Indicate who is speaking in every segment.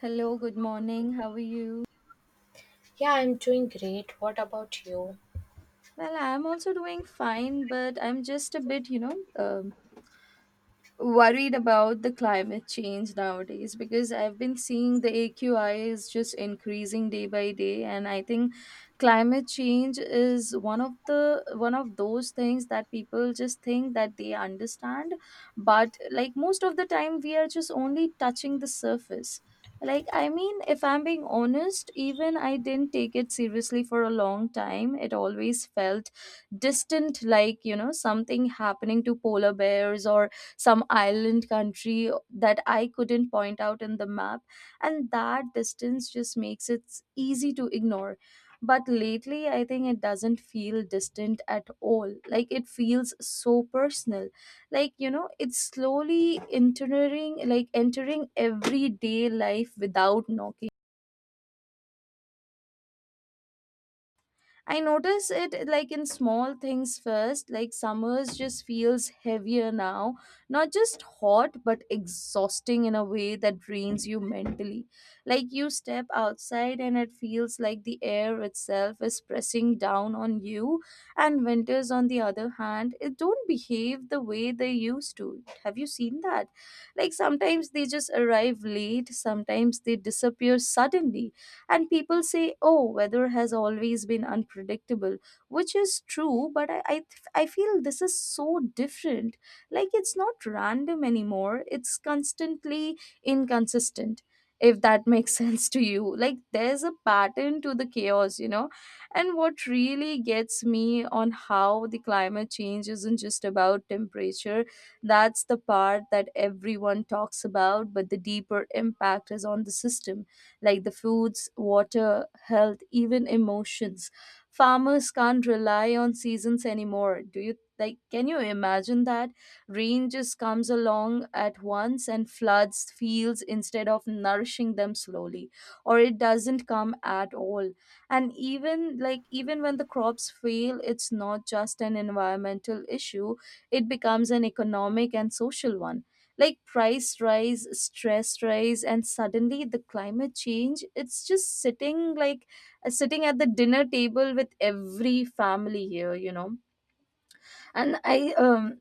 Speaker 1: Hello, good morning. How are you?
Speaker 2: Yeah, I'm doing great. What about you?
Speaker 1: Well, I'm also doing fine, but I'm just a bit, worried about the climate change nowadays because I've been seeing the AQI is just increasing day by day, and I think climate change is one of those things that people just think that they understand, but like most of the time we are just only touching the surface. Like I mean, if I'm being honest, even I didn't take it seriously for a long time. It always felt distant, like, something happening to polar bears or some island country that I couldn't point out in the map. And that distance just makes it easy to ignore. But lately, I think it doesn't feel distant at all. Like it feels so personal. Like, you know, it's slowly entering, like entering everyday life without knocking. I notice it like in small things first, like summers just feels heavier now, not just hot but exhausting in a way that drains you mentally. Like you step outside and it feels like the air itself is pressing down on you, and winters, on the other hand, it don't behave the way they used to. Have you seen that? Like sometimes they just arrive late, sometimes they disappear suddenly, and people say, oh, weather has always been unpredictable, which is true, but I feel this is so different. Like it's not random anymore, it's constantly inconsistent, if that makes sense to you. Like there's a pattern to the chaos, you know. And what really gets me on how the climate change isn't just about temperature, that's the part that everyone talks about, but the deeper impact is on the system, like the foods, water, health, even emotions. Farmers can't rely on seasons anymore. Do you like Can you imagine that rain just comes along at once and floods fields instead of nourishing them slowly, or it doesn't come at all? And even when the crops fail, it's not just an environmental issue, it becomes an economic and social one. Like price rise, stress rise, and suddenly the climate change, it's just sitting at the dinner table with every family here and i um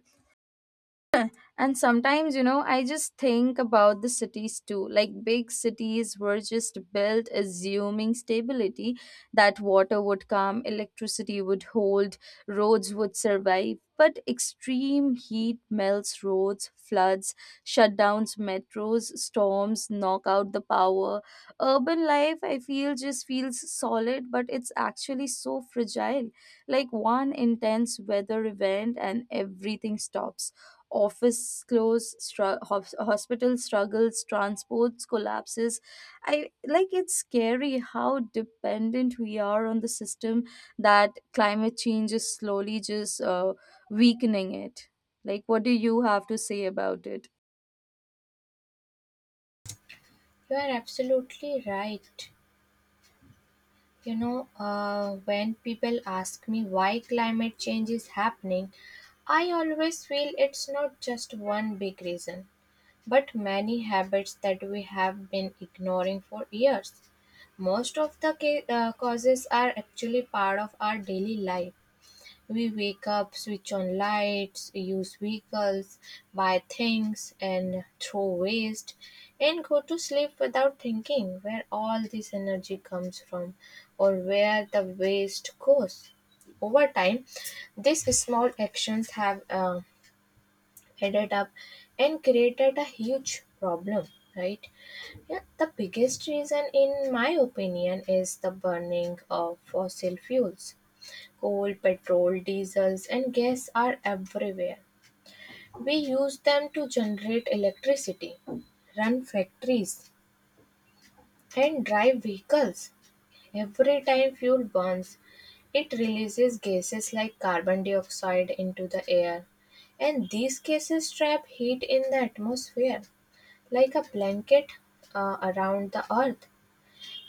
Speaker 1: and sometimes, I just think about the cities too. Like big cities were just built assuming stability, that water would come, electricity would hold, roads would survive. But extreme heat melts roads, floods, shutdowns, metros, storms knock out the power. Urban life, I feel, just feels solid, but it's actually so fragile. Like one intense weather event and everything stops. Office close, hospital struggles, transports collapses. I like it's scary how dependent we are on the system that climate change is slowly just weakening it. Like what do you have to say about it?
Speaker 2: You are absolutely right. You know, when people ask me why climate change is happening, I always feel it's not just one big reason, but many habits that we have been ignoring for years. Most of the causes are actually part of our daily life. We wake up, switch on lights, use vehicles, buy things and throw waste, and go to sleep without thinking where all this energy comes from or where the waste goes. Over time, these small actions have added up and created a huge problem, right? Yeah, the biggest reason in my opinion is the burning of fossil fuels. Coal, petrol, diesels and gas are everywhere. We use them to generate electricity, run factories and drive vehicles. Every time fuel burns, it releases gases like carbon dioxide into the air, and these gases trap heat in the atmosphere like a blanket around the earth.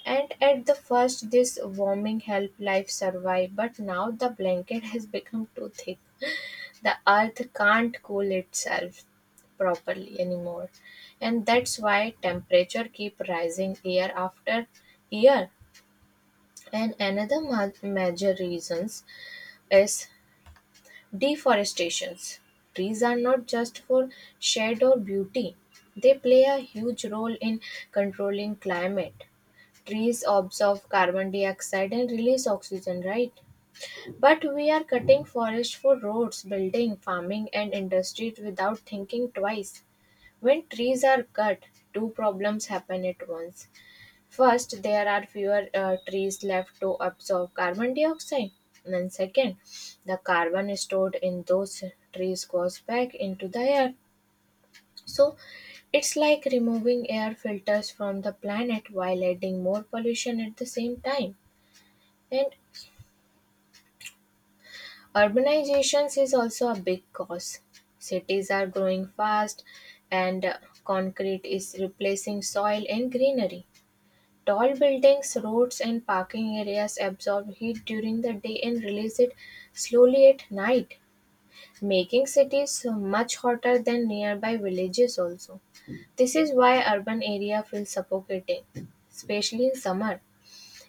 Speaker 2: And at the first, this warming helped life survive, but now the blanket has become too thick. The earth can't cool itself properly anymore, and that's why temperature keep rising year after year. And another major reasons is deforestations. Trees are not just for shade or beauty. They play a huge role in controlling climate. Trees absorb carbon dioxide and release oxygen, right? But we are cutting forests for roads, building, farming, and industries without thinking twice. When trees are cut, two problems happen at once. First, there are fewer trees left to absorb carbon dioxide. And then, second, the carbon stored in those trees goes back into the air. So, it's like removing air filters from the planet while adding more pollution at the same time. And urbanizations is also a big cause. Cities are growing fast, and concrete is replacing soil and greenery. Tall buildings, roads, and parking areas absorb heat during the day and release it slowly at night, making cities much hotter than nearby villages, also. This is why urban area feels suffocating, especially in summer.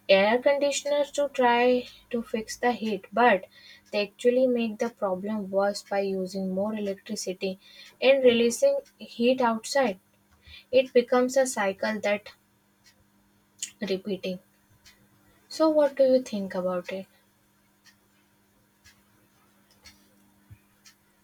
Speaker 2: Air conditioners to try to fix the heat, but they actually make the problem worse by using more electricity and releasing heat outside. It becomes a cycle that repeating. So, what do you think about it?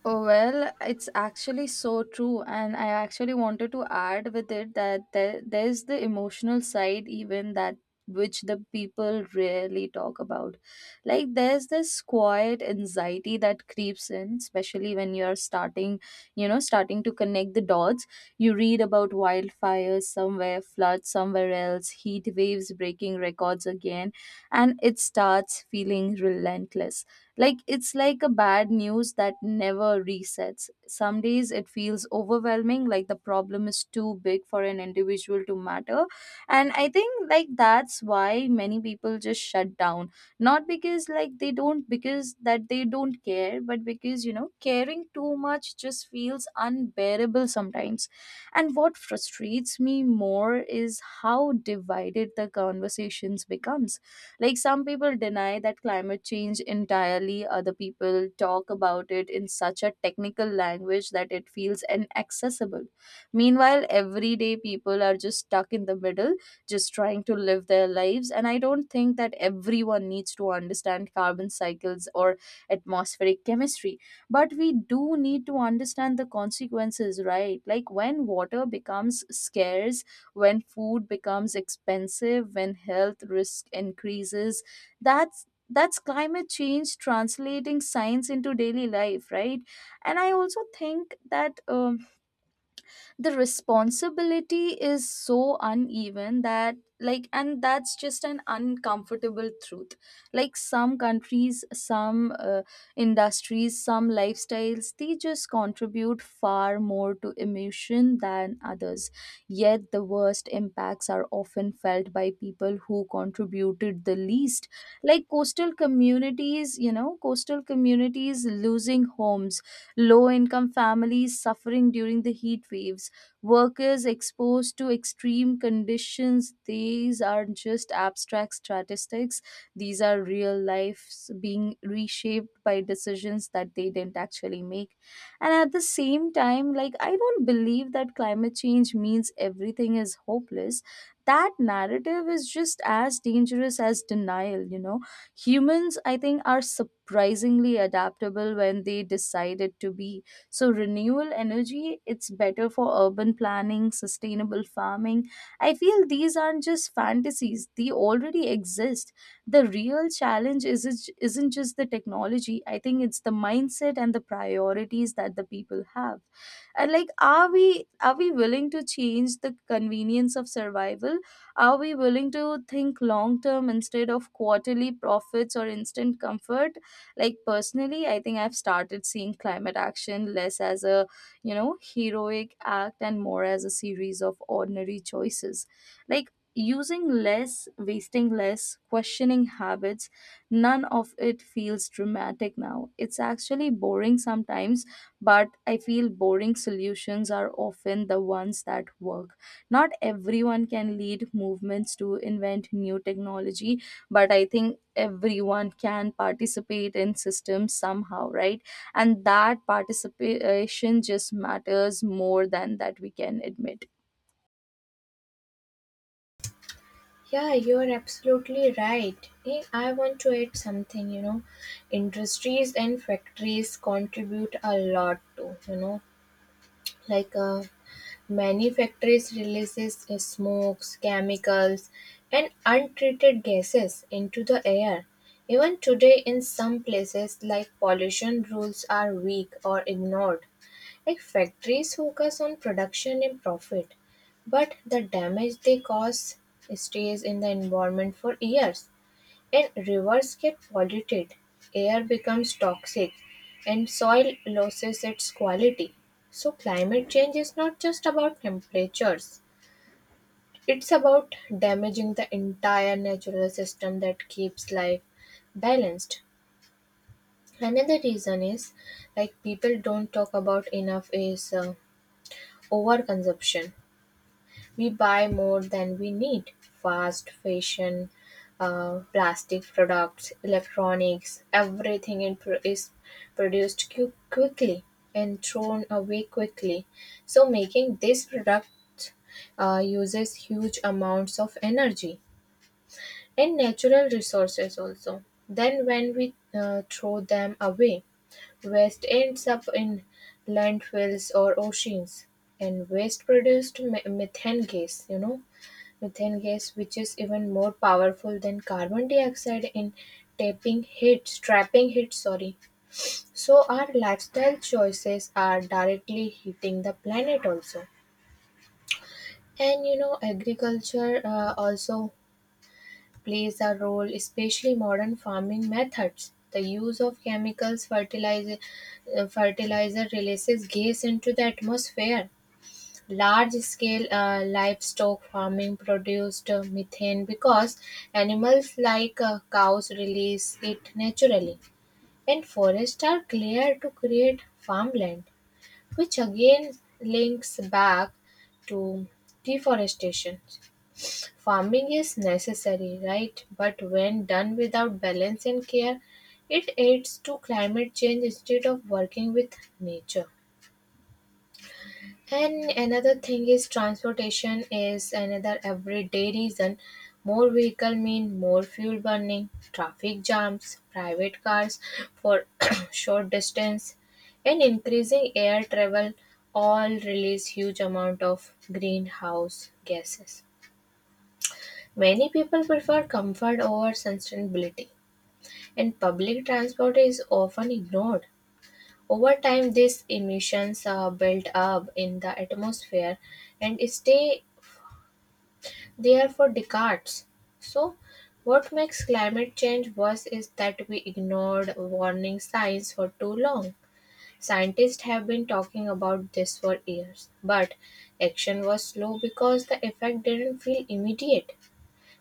Speaker 1: Oh, well, it's actually so true. And I actually wanted to add with it that there's the emotional side, even that which the people rarely talk about. Like, there's this quiet anxiety that creeps in, especially when you're starting to connect the dots. You read about wildfires somewhere, floods somewhere else, heat waves breaking records again, and it starts feeling relentless. Like it's like a bad news that never resets. Some days it feels overwhelming, like the problem is too big for an individual to matter. And I think like that's why many people just shut down. Not because they don't care, but because caring too much just feels unbearable sometimes. And what frustrates me more is how divided the conversations becomes. Like some people deny that climate change entirely, other people talk about it in such a technical language that it feels inaccessible. Meanwhile, everyday people are just stuck in the middle, just trying to live their lives. And I don't think that everyone needs to understand carbon cycles or atmospheric chemistry, but we do need to understand the consequences, right? Like when water becomes scarce, when food becomes expensive, when health risk increases. That's climate change translating science into daily life, right? And I also think that the responsibility is so uneven that, like, and that's just an uncomfortable truth. Like some countries, some industries, some lifestyles, they just contribute far more to emission than others, yet the worst impacts are often felt by people who contributed the least. Like coastal communities, you know, coastal communities losing homes, low income families suffering during the heat waves, workers exposed to extreme conditions. These aren't just abstract statistics, these are real lives being reshaped by decisions that they didn't actually make. And at the same time, like, I don't believe that climate change means everything is hopeless. That narrative is just as dangerous as denial, you know. Humans, I think, are surprisingly adaptable when they decided to be. So renewable energy, it's better for urban planning, sustainable farming, I feel these aren't just fantasies, they already exist. The real challenge isn't just the technology, I think it's the mindset and the priorities that the people have. And like are we willing to change the convenience of survival? Are we willing to think long term instead of quarterly profits or instant comfort? Like personally I think I've started seeing climate action less as a heroic act and more as a series of ordinary choices. Like using less, wasting less, questioning habits. None of it feels dramatic now, it's actually boring sometimes, but I feel boring solutions are often the ones that work. Not everyone can lead movements to invent new technology, but I think everyone can participate in systems somehow, right? And that participation just matters more than that we can admit.
Speaker 2: Yeah, you are absolutely right. I want to add something, you know. Industries and factories contribute a lot to, you know, like uh, many factories release smokes, chemicals, and untreated gases into the air. Even today in some places like pollution rules are weak or ignored. Like factories focus on production and profit, but the damage they cause stays in the environment for years. When rivers get polluted, air becomes toxic and soil loses its quality. So, climate change is not just about temperatures, it's about damaging the entire natural system that keeps life balanced. Another reason is like people don't talk about enough is overconsumption. We buy more than we need. Fast fashion, plastic products, electronics, everything is produced quickly and thrown away quickly. So, making this product uses huge amounts of energy and natural resources also. Then, when we throw them away, waste ends up in landfills or oceans, and waste produced methane gas, you know, methane gas, which is even more powerful than carbon dioxide in tapping heat, trapping heat, sorry. So our lifestyle choices are directly heating the planet also. And you know, agriculture also plays a role, especially modern farming methods. The use of chemicals, fertilizer, fertilizer releases gas into the atmosphere. Large-scale livestock farming produced methane because animals like cows release it naturally, and forests are cleared to create farmland, which again links back to deforestation. Farming is necessary, right? But when done without balance and care, it aids to climate change instead of working with nature. And another thing is transportation is another everyday reason. More vehicle mean more fuel burning, traffic jams, private cars for short distance, and increasing air travel all release huge amount of greenhouse gases. Many people prefer comfort over sustainability, and public transport is often ignored. Over time, these emissions are built up in the atmosphere and stay there for decades. So, what makes climate change worse is that we ignored warning signs for too long. Scientists have been talking about this for years, but action was slow because the effect didn't feel immediate.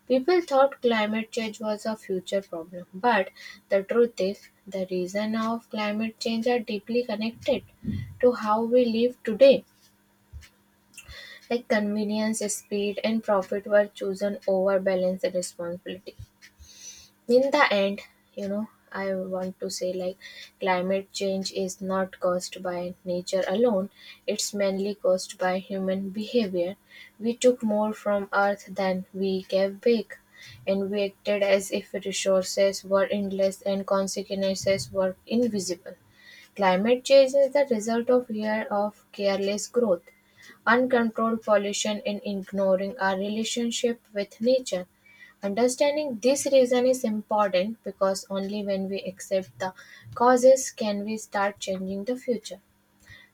Speaker 2: People thought climate change was a future problem, but the truth is, the reason of climate change are deeply connected to how we live today. Like convenience, speed, and profit were chosen over balance and responsibility in the end. You know, I want to say like climate change is not caused by nature alone, it's mainly caused by human behavior. We took more from earth than we gave back, and we acted as if resources were endless and consequences were invisible. Climate change is the result of years of careless growth, uncontrolled pollution and ignoring our relationship with nature. Understanding this reason is important because only when we accept the causes can we start changing the future.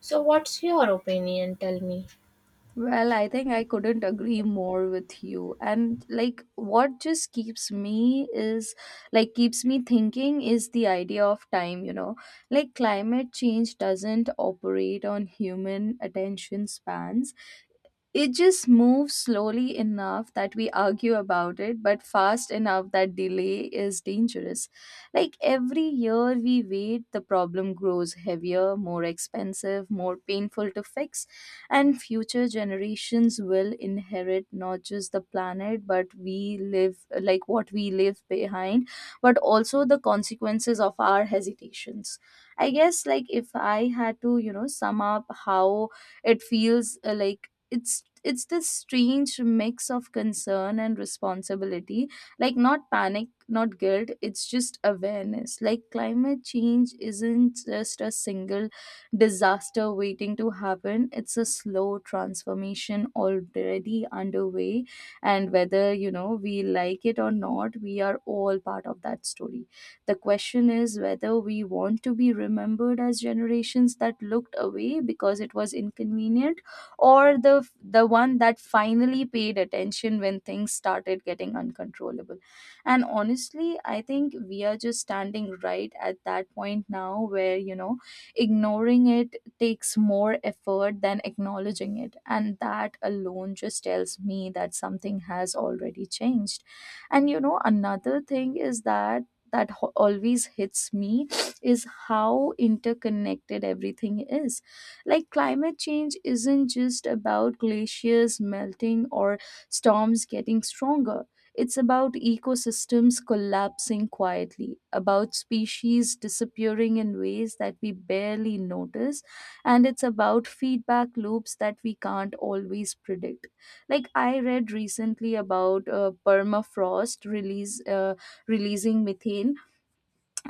Speaker 2: So what's your opinion? Tell me.
Speaker 1: Well, I think I couldn't agree more with you. And like what just keeps me thinking is the idea of time, you know. Like climate change doesn't operate on human attention spans. It just moves slowly enough that we argue about it, but fast enough that delay is dangerous. Like every year we wait, the problem grows heavier, more expensive, more painful to fix, and future generations will inherit not just the planet, but we live like what we leave behind, but also the consequences of our hesitations. I guess, like, if I had to, you know, sum up how it feels, like it's this strange mix of concern and responsibility. Like not panic, not guilt, it's just awareness. Like climate change isn't just a single disaster waiting to happen, it's a slow transformation already underway. And whether, you know, we like it or not, we are all part of that story. The question is whether we want to be remembered as generations that looked away because it was inconvenient, or the one that finally paid attention when things started getting uncontrollable. And honestly I think we are just standing right at that point now where, you know, ignoring it takes more effort than acknowledging it, and that alone just tells me that something has already changed. And you know, another thing is that that always hits me is how interconnected everything is. Like climate change isn't just about glaciers melting or storms getting stronger. It's about ecosystems collapsing quietly, about species disappearing in ways that we barely notice, and it's about feedback loops that we can't always predict. Like I read recently about permafrost release releasing methane,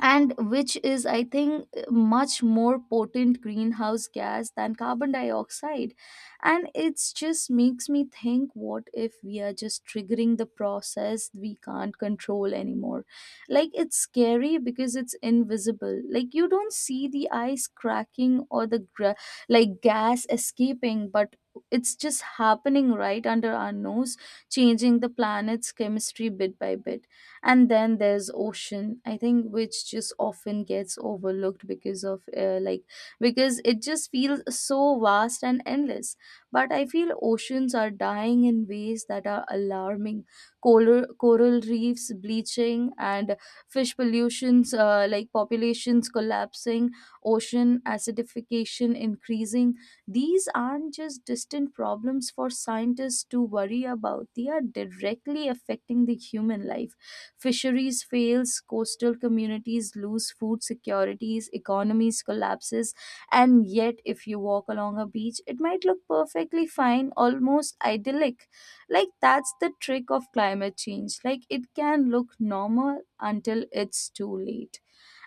Speaker 1: and which is I think much more potent greenhouse gas than carbon dioxide. And it's just makes me think, what if we are just triggering the process we can't control anymore? Like it's scary because it's invisible. Like you don't see the ice cracking, or the gra- like gas escaping, but it's just happening right under our nose, changing the planet's chemistry bit by bit. And then there's ocean I think which just often gets overlooked because of like because it just feels so vast and endless. But I feel oceans are dying in ways that are alarming. Coral reefs bleaching, and fish pollutions like populations collapsing, ocean acidification increasing. These aren't just distant problems for scientists to worry about, they are directly affecting the human life. Fisheries fails, coastal communities lose food securities, economies collapses, and yet if you walk along a beach, it might look perfectly fine, almost idyllic. Like that's the trick of climate change. Like it can look normal until it's too late.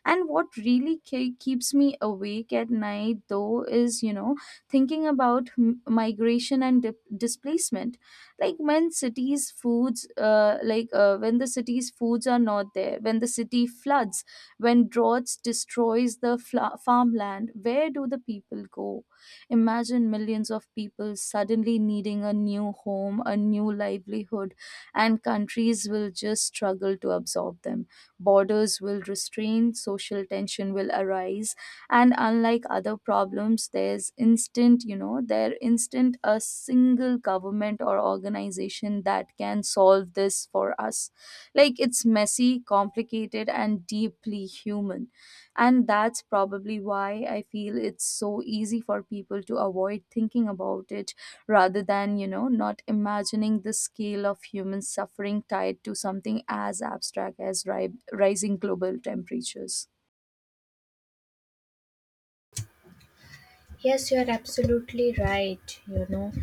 Speaker 1: And what really keeps me awake at night, though, is, you know, thinking about migration and dip displacement. Like when cities' foods, like when the city's foods are not there, when the city floods, when droughts destroys the farmland, where do the people go? Imagine millions of people suddenly needing a new home, a new livelihood, and countries will just struggle to absorb them. Borders will restrain, social tension will arise, and unlike other problems, there's instant, there instant a single government or organization that can solve this for us. Like it's messy, complicated, and deeply human. And that's probably why I feel it's so easy for people to avoid thinking about it rather than not imagining the scale of human suffering tied to something as abstract as rising global temperatures.
Speaker 2: Yes, you are absolutely right, you know.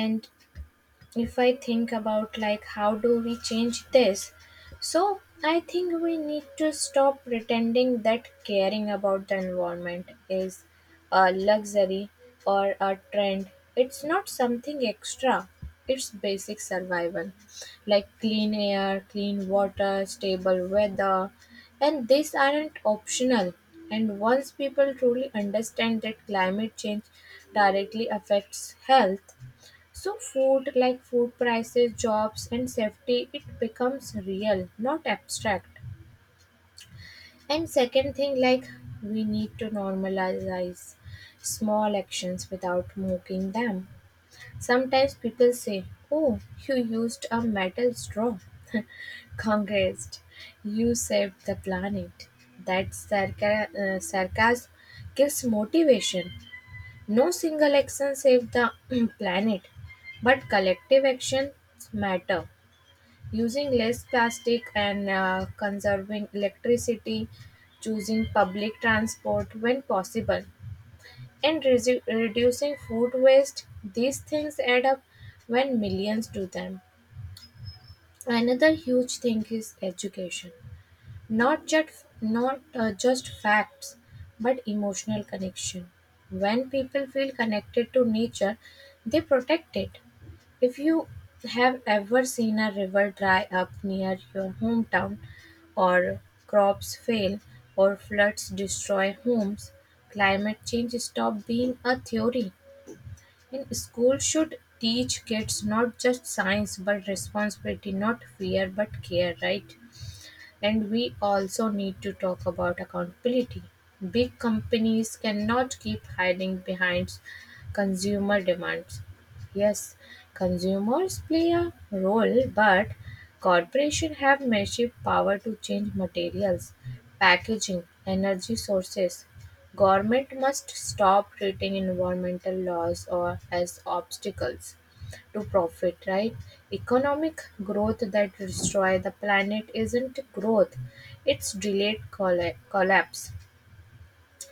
Speaker 2: And if I think about like how do we change this, so I think we need to stop pretending that caring about the environment is a luxury or a trend. It's not something extra, it's basic survival. Like clean air, clean water, stable weather, and these aren't optional. And once people truly understand that climate change directly affects health, so food like food prices, jobs and safety, it becomes real, not abstract. And second thing, like we need to normalize small actions without mocking them. Sometimes people say, "Oh, you used a metal straw. Congrats, you saved the planet." That sarcasm gives motivation. No single action saves the planet, but collective actions matter. Using less plastic and conserving electricity, choosing public transport when possible, and reducing food waste, these things add up when millions do them. Another huge thing is education, not just not just facts but emotional connection. When people feel connected to nature, they protect it. If you have ever seen a river dry up near your hometown or crops fail or floods destroy homes, climate change stop being a theory. And school should teach kids not just science but responsibility, not fear but care, right? And we also need to talk about accountability. Big companies cannot keep hiding behind consumer demands. Yes, consumers play a role, but corporations have massive power to change materials, packaging, energy sources. Government must stop treating environmental laws or as obstacles to profit, right? Economic growth that destroy the planet isn't growth; it's delayed collapse.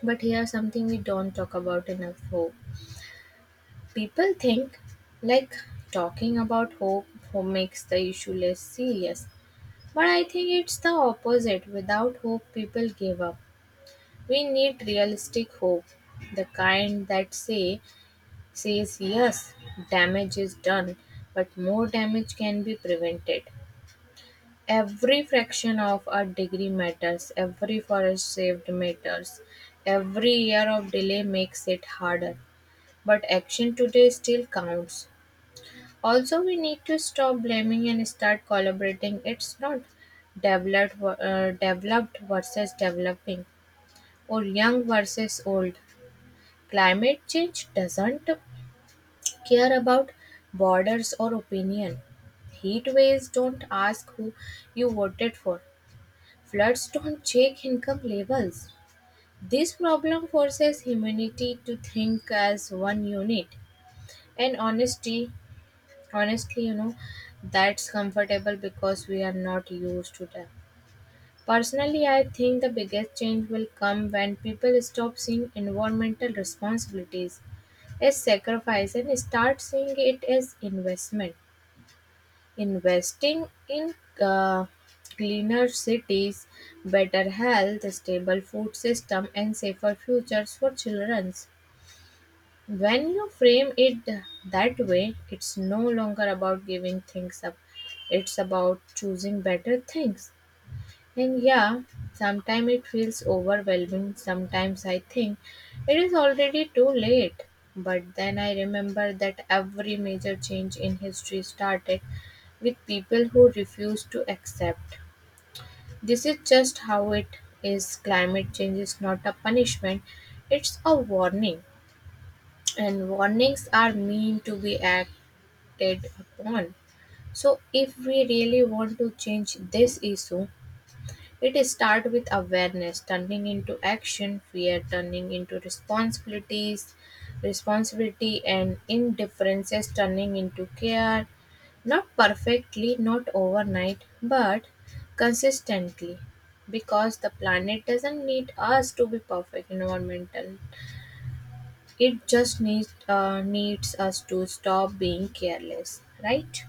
Speaker 2: But here's something we don't talk about enough: hope. People think like talking about hope, hope makes the issue less serious. But I think it's the opposite. Without hope, people give up. We need realistic hope, the kind that says yes, damage is done, but more damage can be prevented. Every fraction of a degree matters, every forest saved matters, every year of delay makes it harder. But action today still counts. Also, we need to stop blaming and start collaborating. It's not developed, developed versus developing or young versus old. Climate change doesn't care about borders or opinion. Heat waves don't ask who you voted for. Floods don't check income levels. This problem forces humanity to think as one unit. And honestly, you know, that's comfortable because we are not used to that. Personally, I think the biggest change will come when people stop seeing environmental responsibilities as sacrifice and start seeing it as investment. Investing in uh, cleaner cities, better health, stable food system, and safer futures for children. When you frame it that way, it's no longer about giving things up. It's about choosing better things. And yeah, sometimes it feels overwhelming. Sometimes I think it is already too late. But then I remember that every major change in history started with people who refused to accept. This is just how it is. Climate change is not a punishment, it's a warning. And warnings are meant to be acted upon. So, if we really want to change this issue, it starts with awareness turning into action, fear turning into responsibilities, responsibility and indifferences turning into care. Not perfectly, not overnight, but consistently. Because the planet doesn't need us to be perfect environmental. It just needs us to stop being careless, right?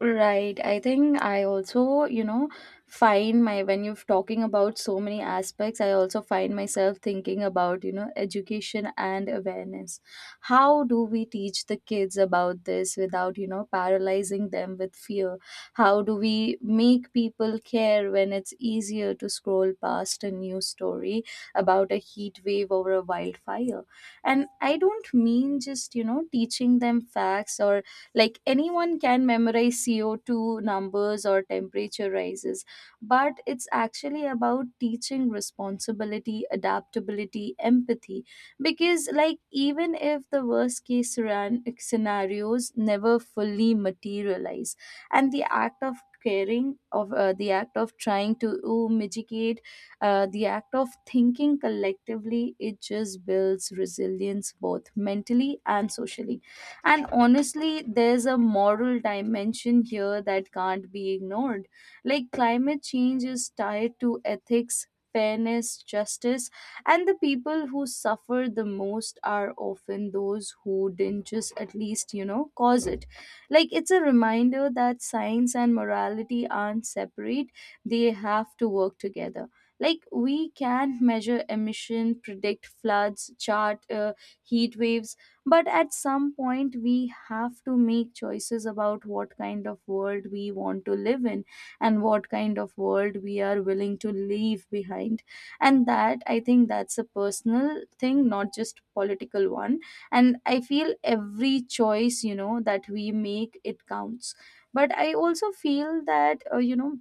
Speaker 1: Right. I think I also, find my when you're talking about so many aspects, I also find myself thinking about, education and awareness. How do we teach the kids about this without, paralyzing them with fear? How do we make people care when it's easier to scroll past a news story about a heat wave or a wildfire? And I don't mean just, teaching them facts, or like anyone can memorize CO2 numbers or temperature rises, but it's actually about teaching responsibility, adaptability, empathy. Because, like, even if the worst case scenarios never fully materialize, and the act of caring of the act of trying to mitigate the act of thinking collectively, it just builds resilience both mentally and socially. And honestly, there's a moral dimension here that can't be ignored. Like climate change is tied to ethics, fairness, justice, and the people who suffer the most are often those who didn't just at least, cause it. Like it's a reminder that science and morality aren't separate, they have to work together. Like we can measure emission, predict floods, chart heat waves, but at some point, we have to make choices about what kind of world we want to live in and what kind of world we are willing to leave behind. And that, I think, that's a personal thing, not just political one. And I feel every choice, that we make, it counts. But I also feel that,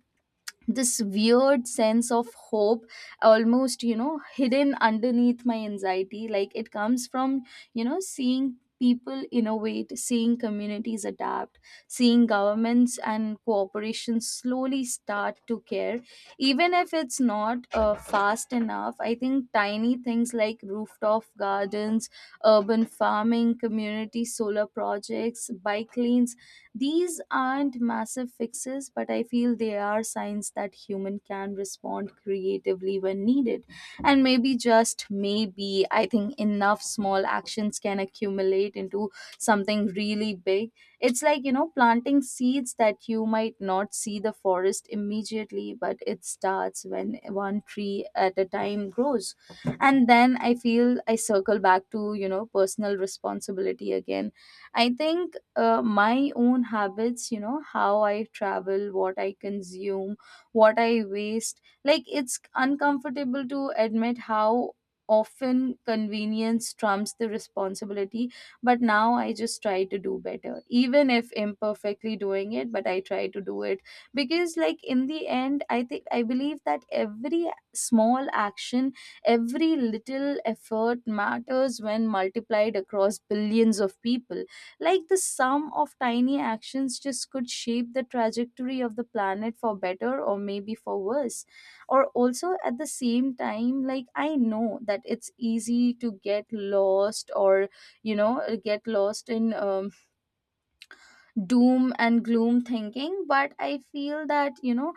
Speaker 1: this weird sense of hope almost, hidden underneath my anxiety, like it comes from, seeing people innovate, seeing communities adapt, seeing governments and corporations slowly start to care, even if it's not fast enough. I think tiny things like rooftop gardens, urban farming, community solar projects, bike lanes, these aren't massive fixes, but I feel they are signs that human can respond creatively when needed. And maybe just maybe, I think enough small actions can accumulate into something really big. It's like, planting seeds that you might not see the forest immediately, but it starts when one tree at a time grows. And then I feel I circle back to, personal responsibility again. I think my own habits, how I travel, what I consume, what I waste. Like it's uncomfortable to admit how often convenience trumps the responsibility, but now I just try to do better, even if imperfectly doing it, but I try to do it. Because like in the end, I think I believe that every small action, every little effort matters when multiplied across billions of people. Like the sum of tiny actions just could shape the trajectory of the planet for better or maybe for worse. Or also at the same time, like I know that it's easy to get lost, or get lost in doom and gloom thinking, but I feel that,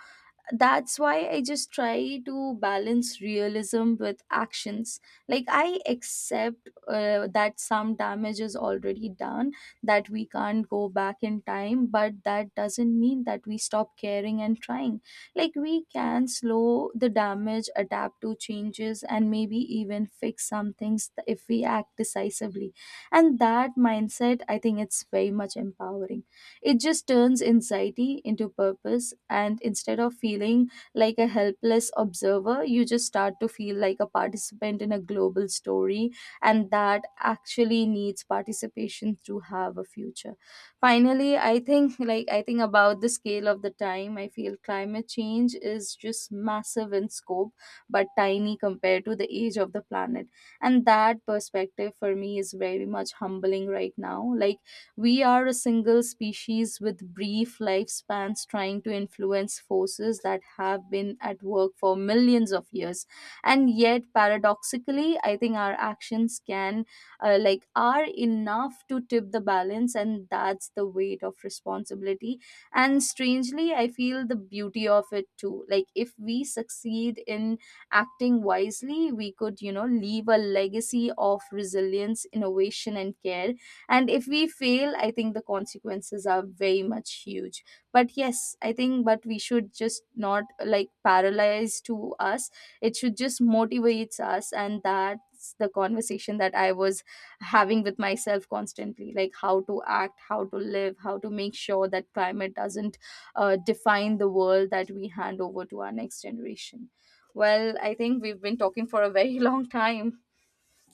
Speaker 1: that's why I just try to balance realism with actions. Like, I accept that some damage is already done, that we can't go back in time, but that doesn't mean that we stop caring and trying. Like, we can slow the damage, adapt to changes, and maybe even fix some things if we act decisively. And that mindset, I think it's very much empowering. It just turns anxiety into purpose, and instead of feeling like a helpless observer, you just start to feel like a participant in a global story, and that actually needs participation to have a future. Finally, I think like I think about the scale of the time. I feel climate change is just massive in scope, but tiny compared to the age of the planet, and that perspective for me is very much humbling right now. Like we are a single species with brief lifespans trying to influence forces that have been at work for millions of years. And yet, paradoxically, I think our actions can, like, are enough to tip the balance, and that's the weight of responsibility. And strangely, I feel the beauty of it too. Like, if we succeed in acting wisely, we could, leave a legacy of resilience, innovation, and care. And if we fail, I think the consequences are very much huge. But yes, I think, but we should just not like paralyze to us, it should just motivates us. And that's the conversation that I was having with myself constantly, like how to act, how to live, how to make sure that climate doesn't define the world that we hand over to our next generation. Well, I think we've been talking for a very long time.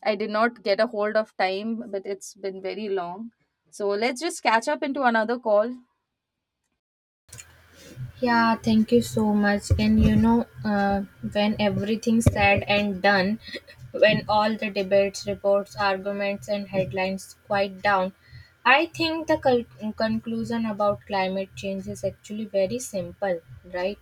Speaker 1: I did not get a hold of time, but it's been very long. So let's just catch up into another call.
Speaker 2: Yeah, thank you so much. And you know, when everything's said and done, when all the debates, reports, arguments, and headlines quiet down, I think the conclusion about climate change is actually very simple, right?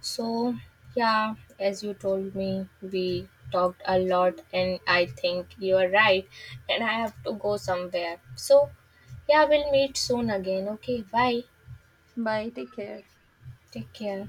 Speaker 2: So, yeah, as you told me, we talked a lot, and I think you are right, and I have to go somewhere. So, yeah, we'll meet soon again. Okay, bye.
Speaker 1: Bye. Take care.
Speaker 2: Take care.